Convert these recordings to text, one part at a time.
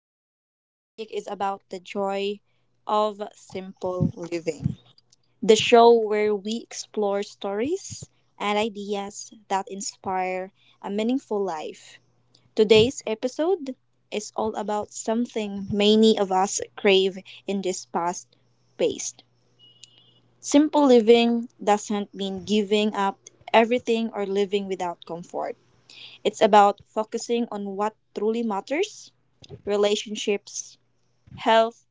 where our topic is about the joy of simple living. The show where we explore stories and ideas that inspire a meaningful life. Today's episode is all about something many of us crave in this past paced. Simple living doesn't mean giving up everything or living without comfort. It's about focusing on what truly matters relationships, health,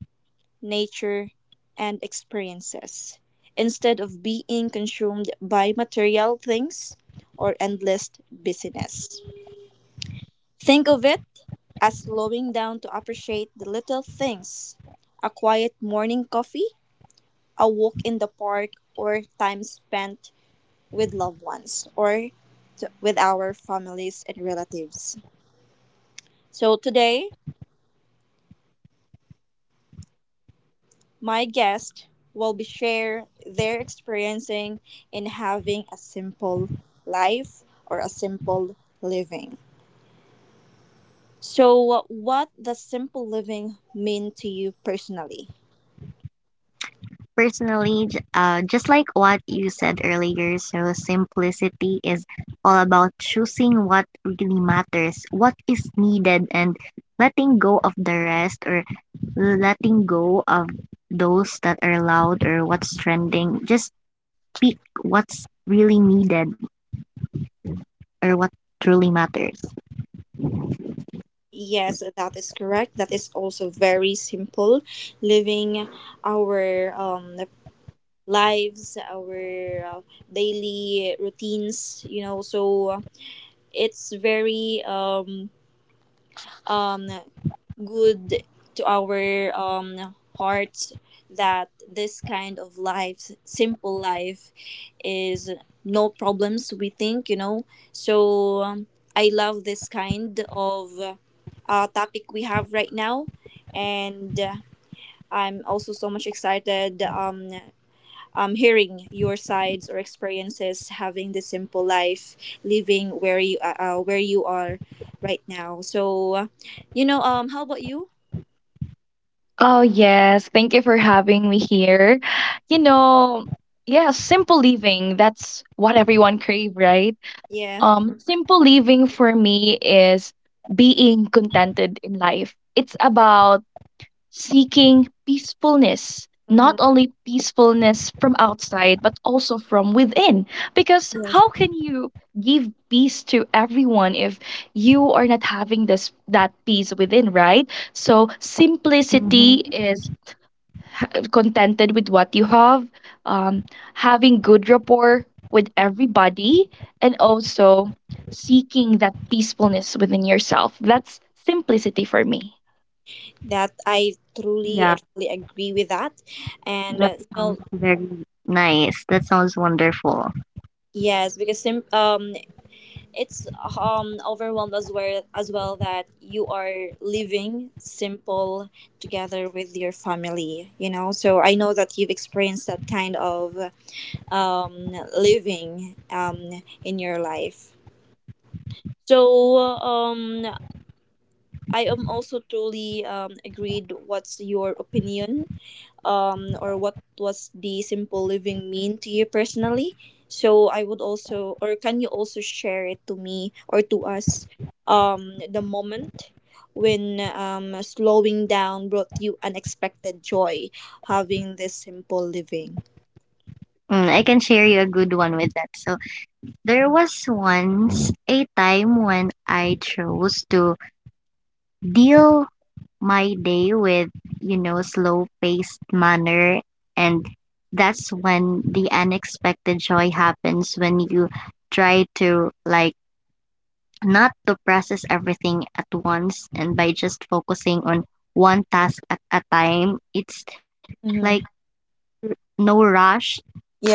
nature, and experiences, instead of being consumed by material things or endless busyness. Think of it as slowing down to appreciate the little things a quiet morning coffee, a walk in the park, or time spent with loved ones or to, with our families and relatives. So today, my guests will be share their experiencing in having a simple life or a simple living. So, what does simple living mean to you personally? Personally, just like what you said earlier, so simplicity is all about choosing what really matters, what is needed, and letting go of the rest, or letting go of those that are loud or what's trending. Just pick what's really needed or what truly matters. Yes, that is correct. That is also very simple. Living our lives, our daily routines, you know, so it's very um, good to our hearts that this kind of life, simple life, is no problems, we think, you know. So I love this kind of topic we have right now. And I'm also so much excited hearing your sides or experiences having this simple life, living where you are right now. So, you know, how about you? Oh, yes. Thank you for having me here. You know, yeah, simple living, that's what everyone crave, right? Yeah. Simple living for me is being contented in life. It's about seeking peacefulness, Mm-hmm. not only peacefulness from outside, but also from within. Because Yes. how can you give peace to everyone if you are not having this that peace within, right? So simplicity Mm-hmm. is contented with what you have, um, having good rapport with everybody, and also seeking that peacefulness within yourself. That's simplicity for me. That I truly Yeah, and fully agree with that, and that you know, sounds very nice. That sounds wonderful. yes, because it's overwhelmed as well that you are living simple together with your family. You know, so I know that you've experienced that kind of living in your life. So. I am also truly agreed. What's your opinion or what was the simple living mean to you personally? So I would also, or can you also share it to me or to us, the moment when slowing down brought you unexpected joy, having this simple living. I can share you a good one with that. So, there was once a time when I chose to deal my day with, you know, slow paced manner. And that's when the unexpected joy happens, when you try to, like, not to process everything at once, and by just focusing on one task at a time. It's like Mm-hmm. no rush.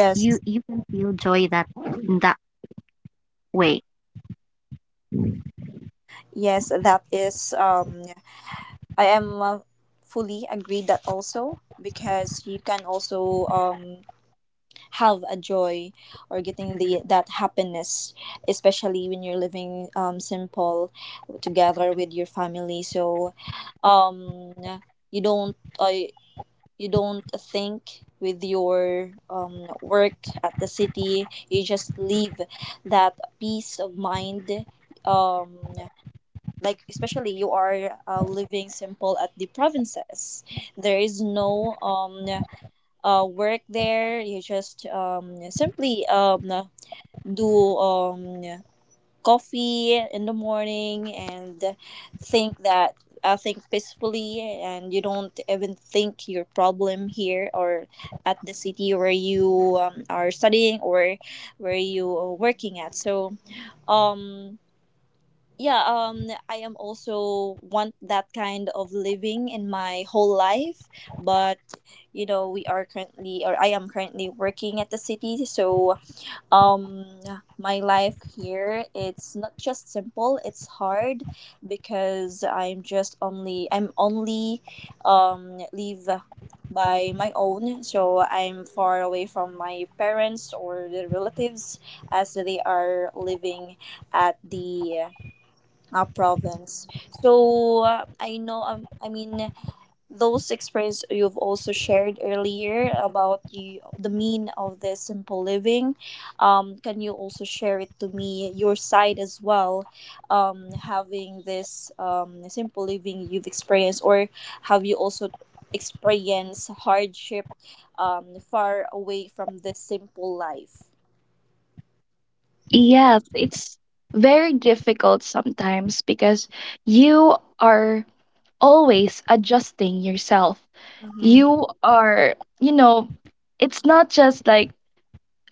You you can feel joy that in that way. yes, that is. I am fully agreed that also because you can also have a joy or getting the that happiness especially when you're living simple together with your family, so um you don't uh, you don't think with your work at the city. You just leave that peace of mind um like especially you are living simple at the provinces. There is no work there. You just simply do coffee in the morning and think that I think peacefully, and you don't even think your problem here or at the city where you are studying or where you are working at. So um, yeah, I am also want that kind of living in my whole life, but you know we are currently or I am currently working at the city, so um my life here, it's not just simple, it's hard because I'm only live by my own, so I'm far away from my parents or the relatives as they are living at the province. So I know, I mean, those experience you've also shared earlier about the mean of the simple living. Can you also share it to me your side as well? Having this simple living you've experienced, or have you also experienced hardship far away from the simple life? Yes, it's very difficult sometimes because you are always adjusting yourself. You are, you know, it's not just like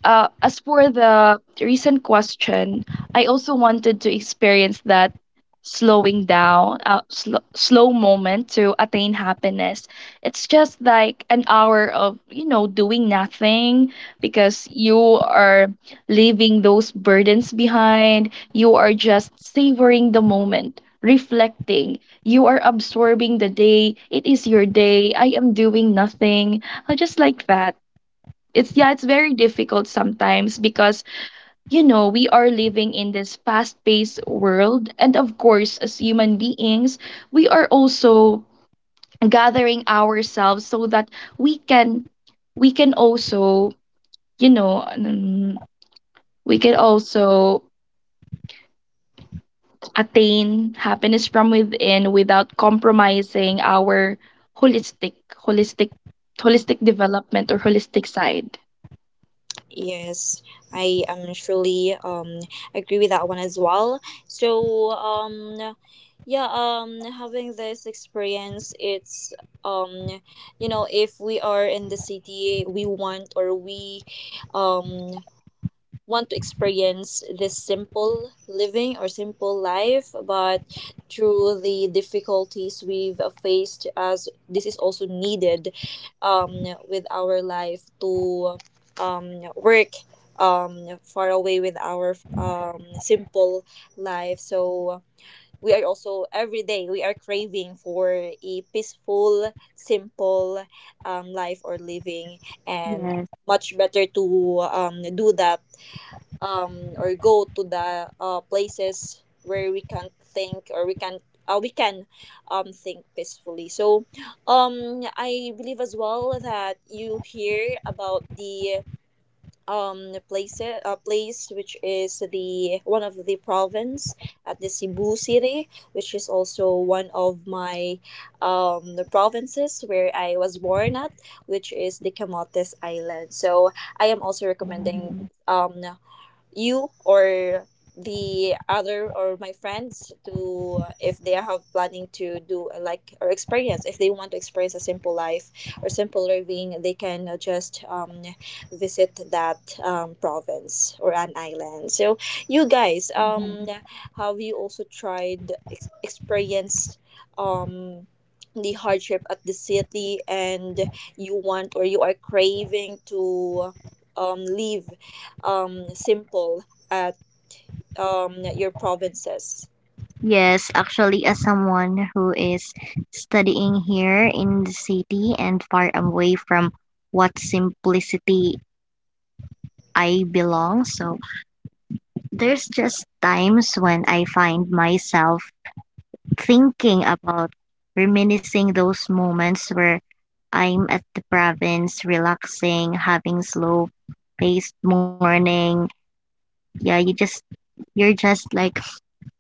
as for the recent question, I also wanted to experience that slowing down, slow moment to attain happiness. It's just like an hour of, you know, doing nothing because you are leaving those burdens behind. You are just savoring the moment. Reflecting, you are absorbing the day. It is your day. I am doing nothing. Just like that. It's yeah, it's very difficult sometimes because you know, we are living in this fast-paced world and of course as human beings, we are also gathering ourselves so that we can we can also, you know, we can also attain happiness from within without compromising our holistic holistic holistic development or holistic side. Yes, I am truly agree with that one as well. So yeah, having this experience, it's um you know, if we are in the city we want, or we um want to experience this simple living or simple life, but through the difficulties we've faced, as this is also needed um, with our life to work far away with our simple life. So we are also every day, we are craving for a peaceful, simple life or living, and Yes. much better to do that or go to the places where we can think or we can uh, we can think peacefully. So I believe as well that you hear about the place place, which is the one of the province at the Cebu city, which is also one of my the provinces where I was born at, which is the Camotes Island. So I am also recommending um you or the other or my friends to, if they have planning to do like or experience, if they want to experience a simple life or simple living, they can just visit that province or an island. So you guys, have you also tried experienced um the hardship at the city, and you want or you are craving to leave simple at at your provinces. Yes, actually, as someone who is studying here in the city and far away from what simplicity I belong, so there's just times when I find myself thinking about, reminiscing those moments where I'm at the province, relaxing, having slow paced morning. Yeah, you just, you're just like,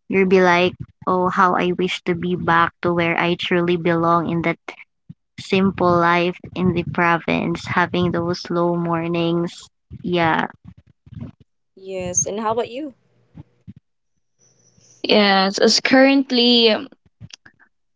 you'll be like, oh, how I wish to be back to where I truly belong in that simple life in the province, having those slow mornings. Mm. Yeah. Yes, and how about you? Yes, as currently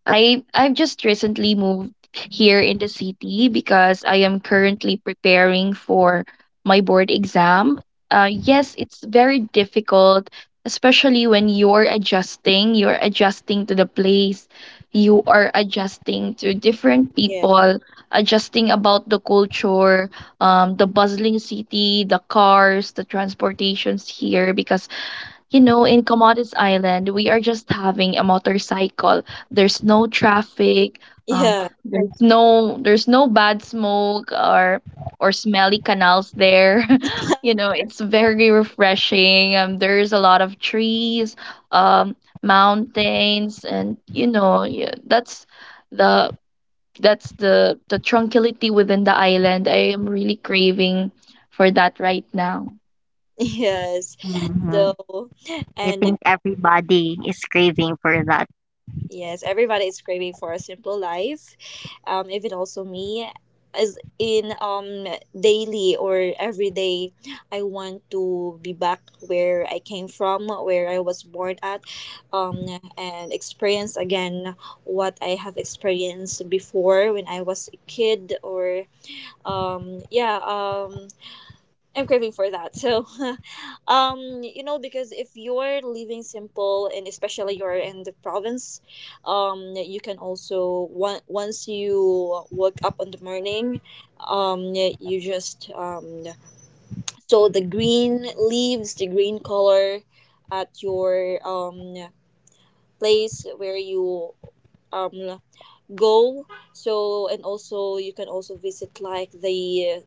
I've just recently moved here in the city because I am currently preparing for my board exam. Yes, it's very difficult, especially when you're adjusting. You're adjusting to the place. You are adjusting to different Yeah. people, adjusting about the culture, the bustling city, the cars, the transportations here. Because you know, in Comodos Island, we are just having a motorcycle. There's no traffic. Um, Yeah. there's no bad smoke or smelly canals there. You know, it's very refreshing. There's a lot of trees, um, mountains, and you know, that's the that's the tranquility within the island. I am really craving for that right now. Yes. Hmm. So, I and think everybody is craving for that. yes, everybody is craving for a simple life. Even also me, as in daily or every day, I want to be back where I came from, where I was born at, um, and experience again what I have experienced before when I was a kid or um yeah um I'm craving for that. So, you know, because if you're living simple and especially you're in the province, you can also once you wake up in the morning, you just so the green leaves, the green color at your place where you um go. So and also you can also visit like the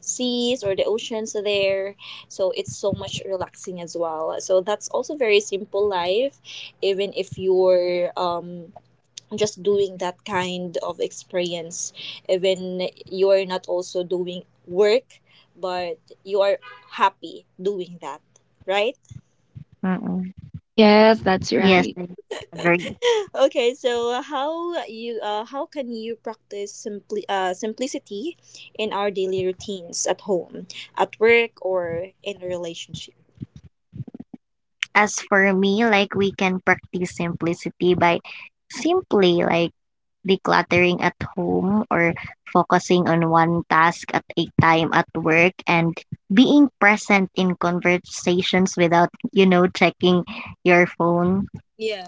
seas or the oceans there. So it's so much relaxing as well. So that's also very simple life, even if you're just doing that kind of experience, even you're not also doing work, but you are happy doing that, right? Mm-mm. Yes, that's Yes, right. I agree. Okay, so how you how can you practice simplicity in our daily routines at home, at work, or in a relationship? As for me, like, we can practice simplicity by simply like decluttering at home, or focusing on one task at a time at work, and being present in conversations without, you know, checking your phone. Yeah.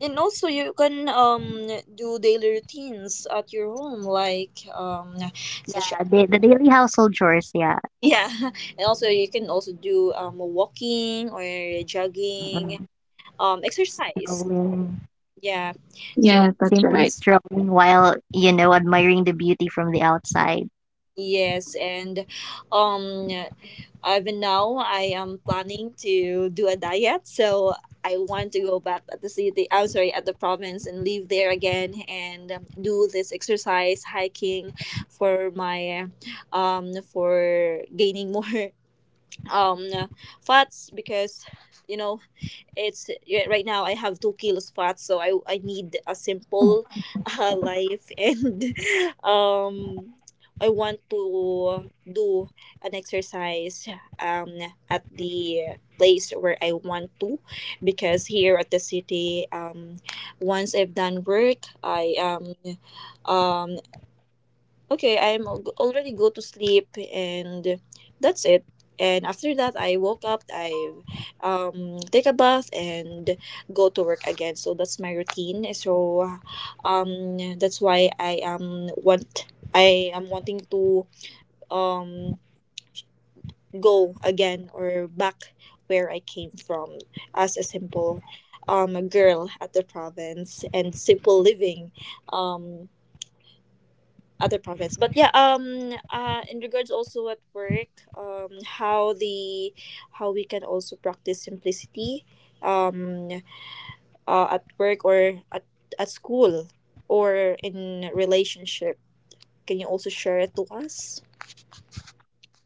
And also, you can do daily routines at your home, like such Yeah, the daily household chores, yeah. yeah. And also, you can also do walking or jogging, Mm. Exercise. Strolling, Yeah. So Yes, that's simply right. strolling while, you know, admiring the beauty from the outside. yes, and um even now, I am planning to do a diet, so I want to go back at the city. I'm sorry, at the province, and live there again and do this exercise, hiking for my for gaining more um fats, because you know it's yeah, right now I have 2 kilos fat, so I need a Mm. simple life and um I want to do an exercise um at the place where I want to, because here at the city, once I've done work, I um okay, I'm already go to sleep and that's it. And after that, I woke up, I take a bath and go to work again. So that's my routine. So that's why I am wanting to um, go again or back where I came from, as a simple girl at the province and simple living. Um, other prophets but yeah in regards also at work, how the how we can also practice simplicity um at work or at school or in relationship, can you also share it to us?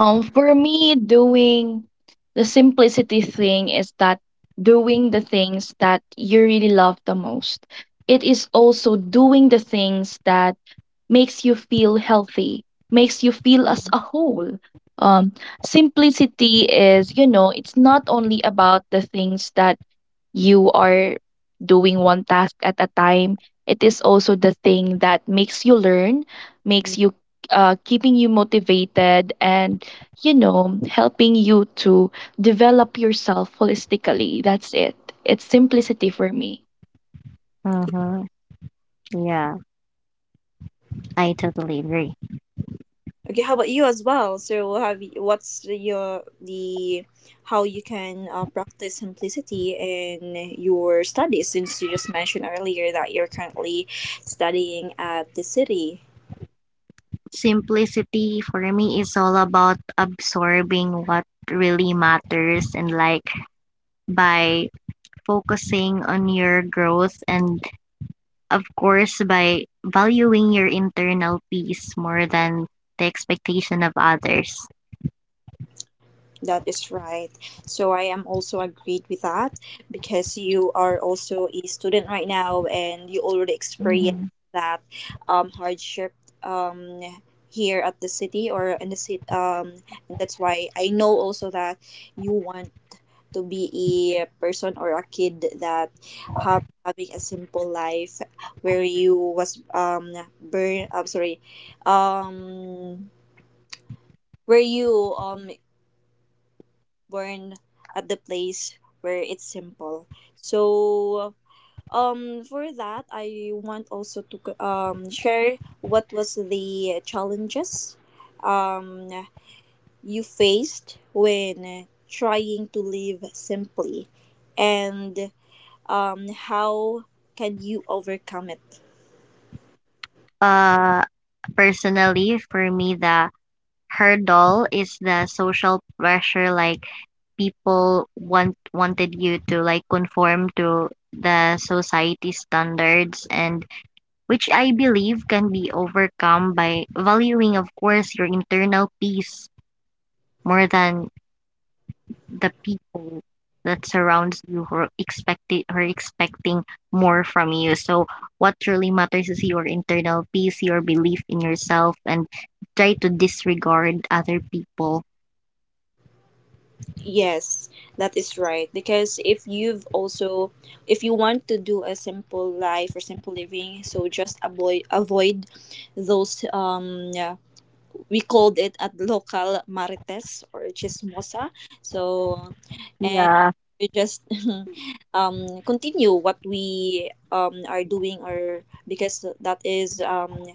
For me, doing the simplicity thing is that doing the things that you really love the most. It is also doing the things that makes you feel healthy, makes you feel as Mhm. a whole. Um, Simplicity is, you know, it's not only about the things that you are doing one task at a time. It is also the thing that makes you learn, makes you keeping you motivated and you know, helping you to develop yourself holistically. That's it. It's simplicity for me. Mm-hmm. Yeah, I totally agree. Okay, how about you as well? So have you, what's your the how you can practice simplicity in your studies, since you just mentioned earlier that you're currently studying at the city? Simplicity for me is all about absorbing what really matters, and like by focusing on your growth, and of course by valuing your internal peace more than the expectation of others. That is right. So I am also agreed with that because you are also a student right now and you already experienced Hmm. that hardship um, here at the city or in the city. And that's why I know also that you want to be a person or a kid that have, having a simple life where you was burn. I'm sorry, um where you born at the place where it's simple. So for that I want also to share what was the challenges um you faced when trying to live simply, and how can you overcome it? uh Personally for me, the hurdle is the social pressure, like people wanted you to like conform to the society standards, and which I believe can be overcome by valuing of course your internal peace more than the people that surrounds you who are expecting more from you. So what really matters is your internal peace, your belief in yourself, and try to disregard other people. Yes, that is right. Because if you've also, if you want to do a simple life or simple living, so just avoid those yeah, we called it at local marites or chismosa. So, and Yeah. we just continue what we are doing, or because that is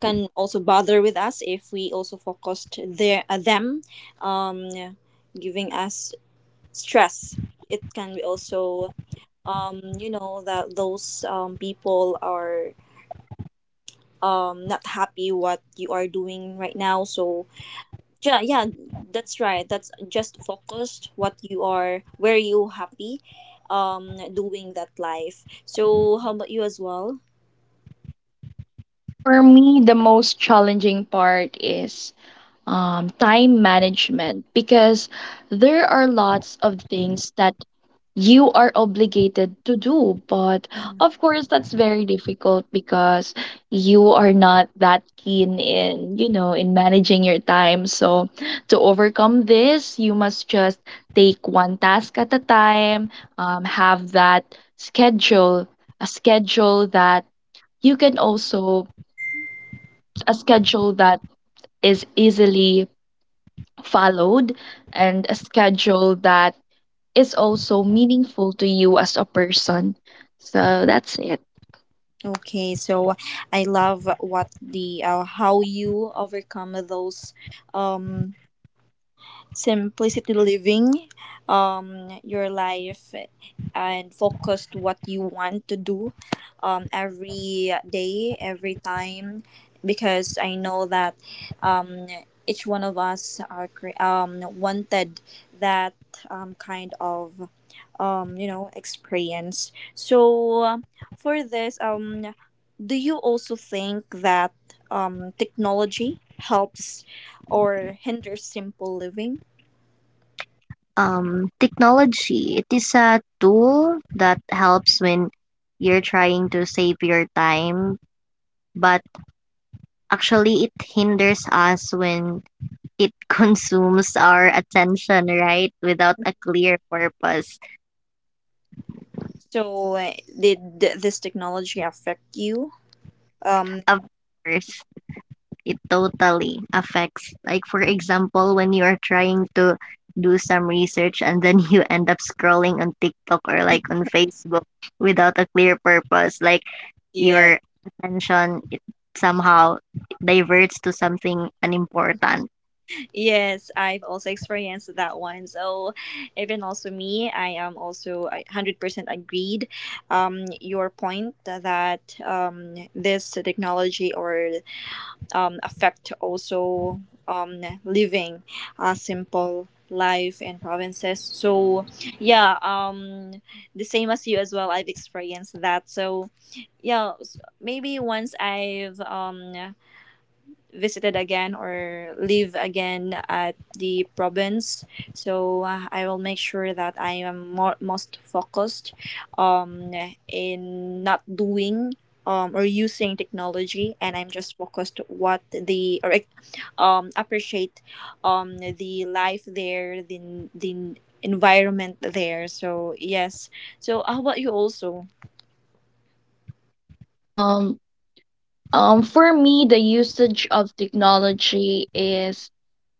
can also bother with us if we also focused their them um giving us stress. It can be also you know that those people are not happy what you are doing right now. So yeah, yeah, that's right. That's just focused what you are where you happy doing that life. So how about you as well? For me, the most challenging part is time management because there are lots of things that you are obligated to do. But Mhm. of course, that's very difficult because you are not that keen in, you know, in managing your time. So to overcome this, you must just take one task at a time, have that schedule, a schedule that you can also a schedule that is easily followed and a schedule that is also meaningful to you as a person. So that's it. Okay, so I love what the how you overcome those um simplicity living your life and focus to what you want to do every day, every time, because I know that um, each one of us wanted that kind of experience. So for this, do you also think that technology helps or hinders simple living? Technology, it is a tool that helps when you're trying to save your time, but actually it hinders us when it consumes our attention, right? Without a clear purpose. So, did this technology affect you? Um, Of course, it totally affects. Like, for example, when you are trying to do some research and then you end up scrolling on TikTok or like on Facebook without a clear purpose, like yeah, your attention it somehow diverts to something unimportant. yes, I've also experienced that one. So, even also me, I am also 100% agreed. Your point that this technology or affect also living a simple life in provinces. So, yeah, the same as you as well. I've experienced that. So, yeah maybe once I've visited again or live again at the province so I will make sure that I am more most focused um in not doing or using technology and I'm just focused what the appreciate the life there the environment there, so yes, so how about you also? Um, for me, the usage of technology is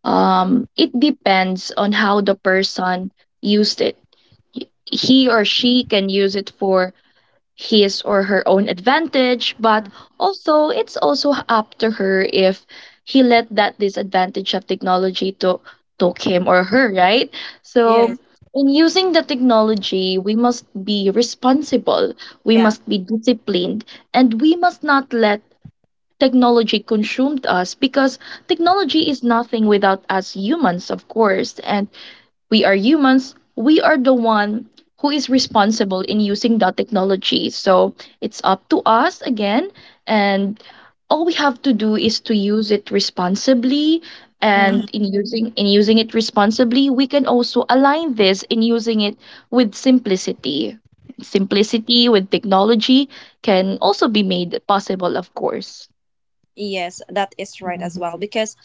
it depends on how the person used it. He or she can use it for his or her own advantage, but also it's also up to her if he let that disadvantage of technology to took him or her, right? So Yes. in using the technology, we must be responsible, we Yeah. must be disciplined, and we must not let technology consume us because technology is nothing without us humans, of course. And we are humans. We are the one who is responsible in using that technology. So it's up to us again. And all we have to do is to use it responsibly. Mhm. And in using it responsibly, we can also align this in using it with simplicity. Simplicity with technology can also be made possible, of course. Yes, that is right as well Mhm. because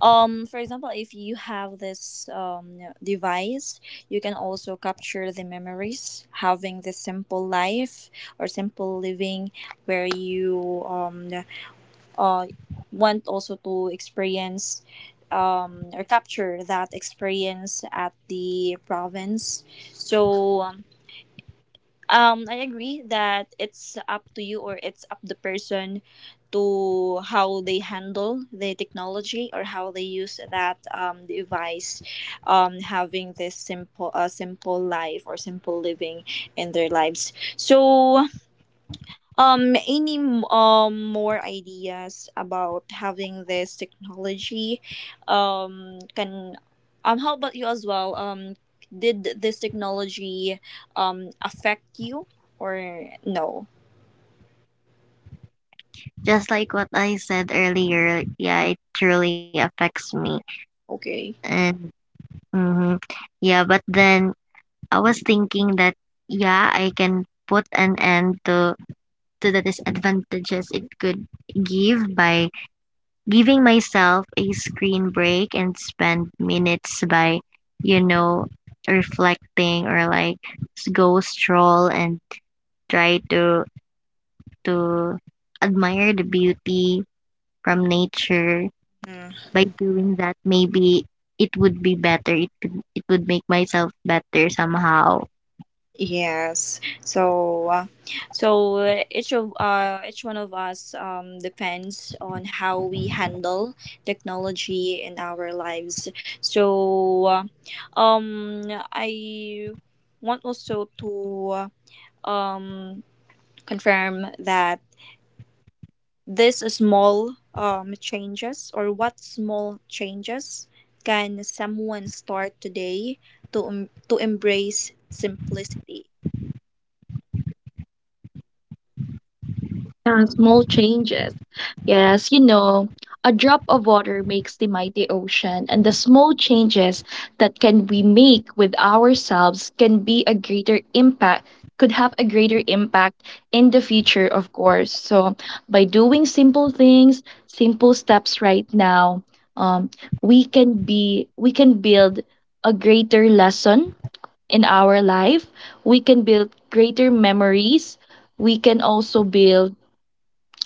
for example if you have this device you can also capture the memories having this simple life or simple living where you uh want also to experience or capture that experience at the province so I agree that it's up to you or it's up the person to how they handle the technology or how they use that device, having this simple simple life or simple living in their lives. So any more ideas about having this technology? Can how about you as well? Did this technology affect you or no? Just like what I said earlier, yeah, it truly affects me. Okay. And mhm, yeah, but then I was thinking that, yeah, I can put an end to the disadvantages it could give by giving myself a screen break and spend minutes by, you know, reflecting, or like go stroll and try to admire the beauty from nature. By doing that, maybe it would be better. It could, it would make myself better somehow. Yes. So, each of each one of us depends on how we handle technology in our lives. So, um, I want also to uh, um, confirm that this small changes, or what small changes can someone start today to to embrace simplicity. Yeah, small changes. Yes, you know, a drop of water makes the mighty ocean, and the small changes that can we make with ourselves can be a greater impact, could have a greater impact in the future, of course. So, by doing simple things, simple steps right now, um, we can build a greater lesson in our life. We can build greater memories. We can also build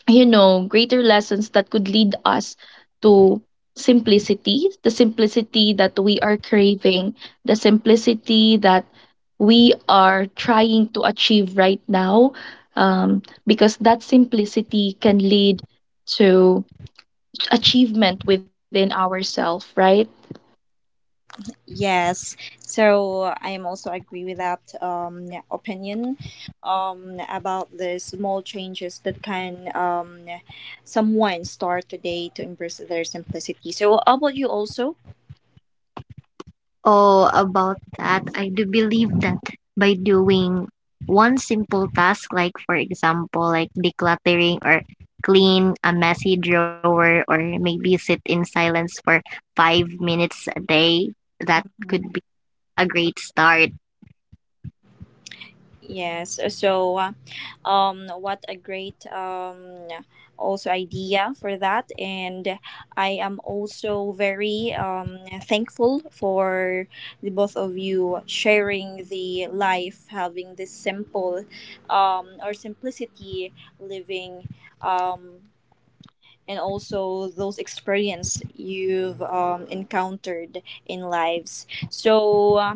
you know, greater lessons that could lead us to simplicity, the simplicity that we are craving, the simplicity that we are trying to achieve right now, because that simplicity can lead to achievement within ourselves, right? Yes, so I am also agree with that opinion about the small changes that can someone start today to embrace their simplicity. So, how about you also? Oh, about that, I do believe that by doing one simple task, like for example, like decluttering or clean a messy drawer, or maybe sit in silence for 5 minutes a day, that could be a great start. Yes. So, what a great also idea for that, and I am also very thankful for the both of you sharing the life, having this simple, or simplicity living, um and also those experience you've encountered in lives. So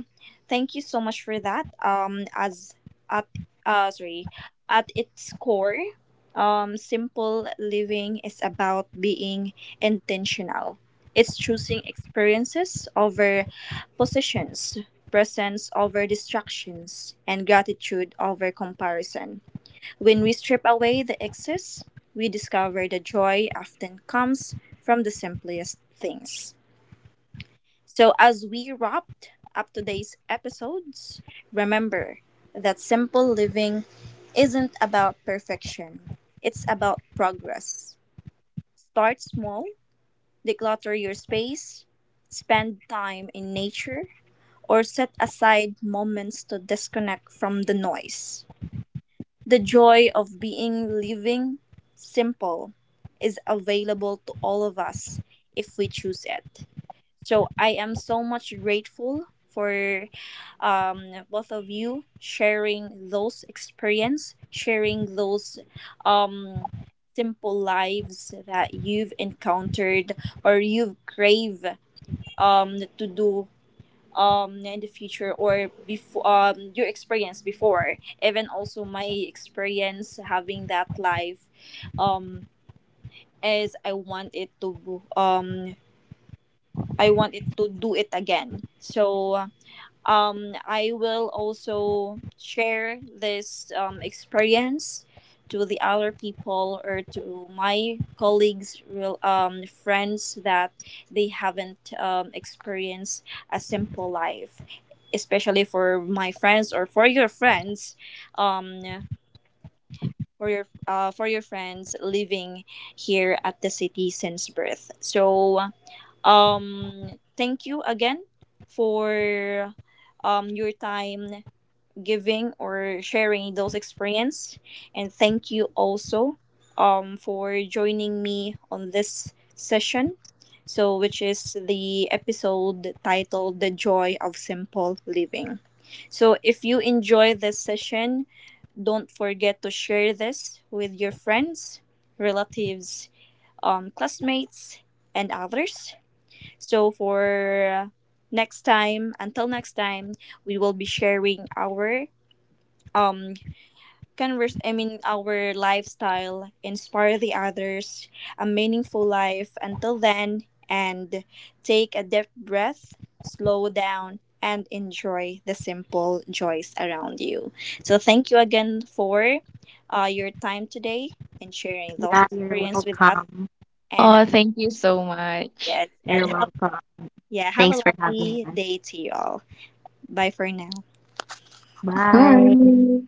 thank you so much for that. As at sorry, at its core, simple living is about being intentional. It's choosing experiences over positions, presence over distractions, and gratitude over comparison. When we strip away the excess, we discover the joy often comes from the simplest things. So, as we wrapped up today's episodes, remember that simple living isn't about perfection, it's about progress. Start small, declutter your space, spend time in nature, or set aside moments to disconnect from the noise. The joy of being living, simple, is available to all of us if we choose it. So I am so much grateful for both of you sharing those experience, sharing those um, simple lives that you've encountered or you've crave to do in the future or before your experience before, even also my experience having that life um is I want it to I want it to do it again, so I will also share this experience to the other people or to my colleagues, real friends that they haven't experienced a simple life. Especially for my friends or for your friends, um, for your friends living here at the city since birth. So thank you again for your time giving or sharing those experience, and thank you also for joining me on this session. So, which is the episode titled "The Joy of Simple Living." So, if you enjoy this session, don't forget to share this with your friends, relatives, classmates, and others. So until next time, we will be sharing our um converse I mean our lifestyle, inspire the others, a meaningful life. Until then, and take a deep breath, slow down and enjoy the simple joys around you. So thank you again for your time today and sharing those Yeah, you're experience with us, welcome. and Oh, thank you so much. yes, You're and have, welcome. yeah, have a Thanks for having lovely us. day to you all. Bye for now. Bye. Bye.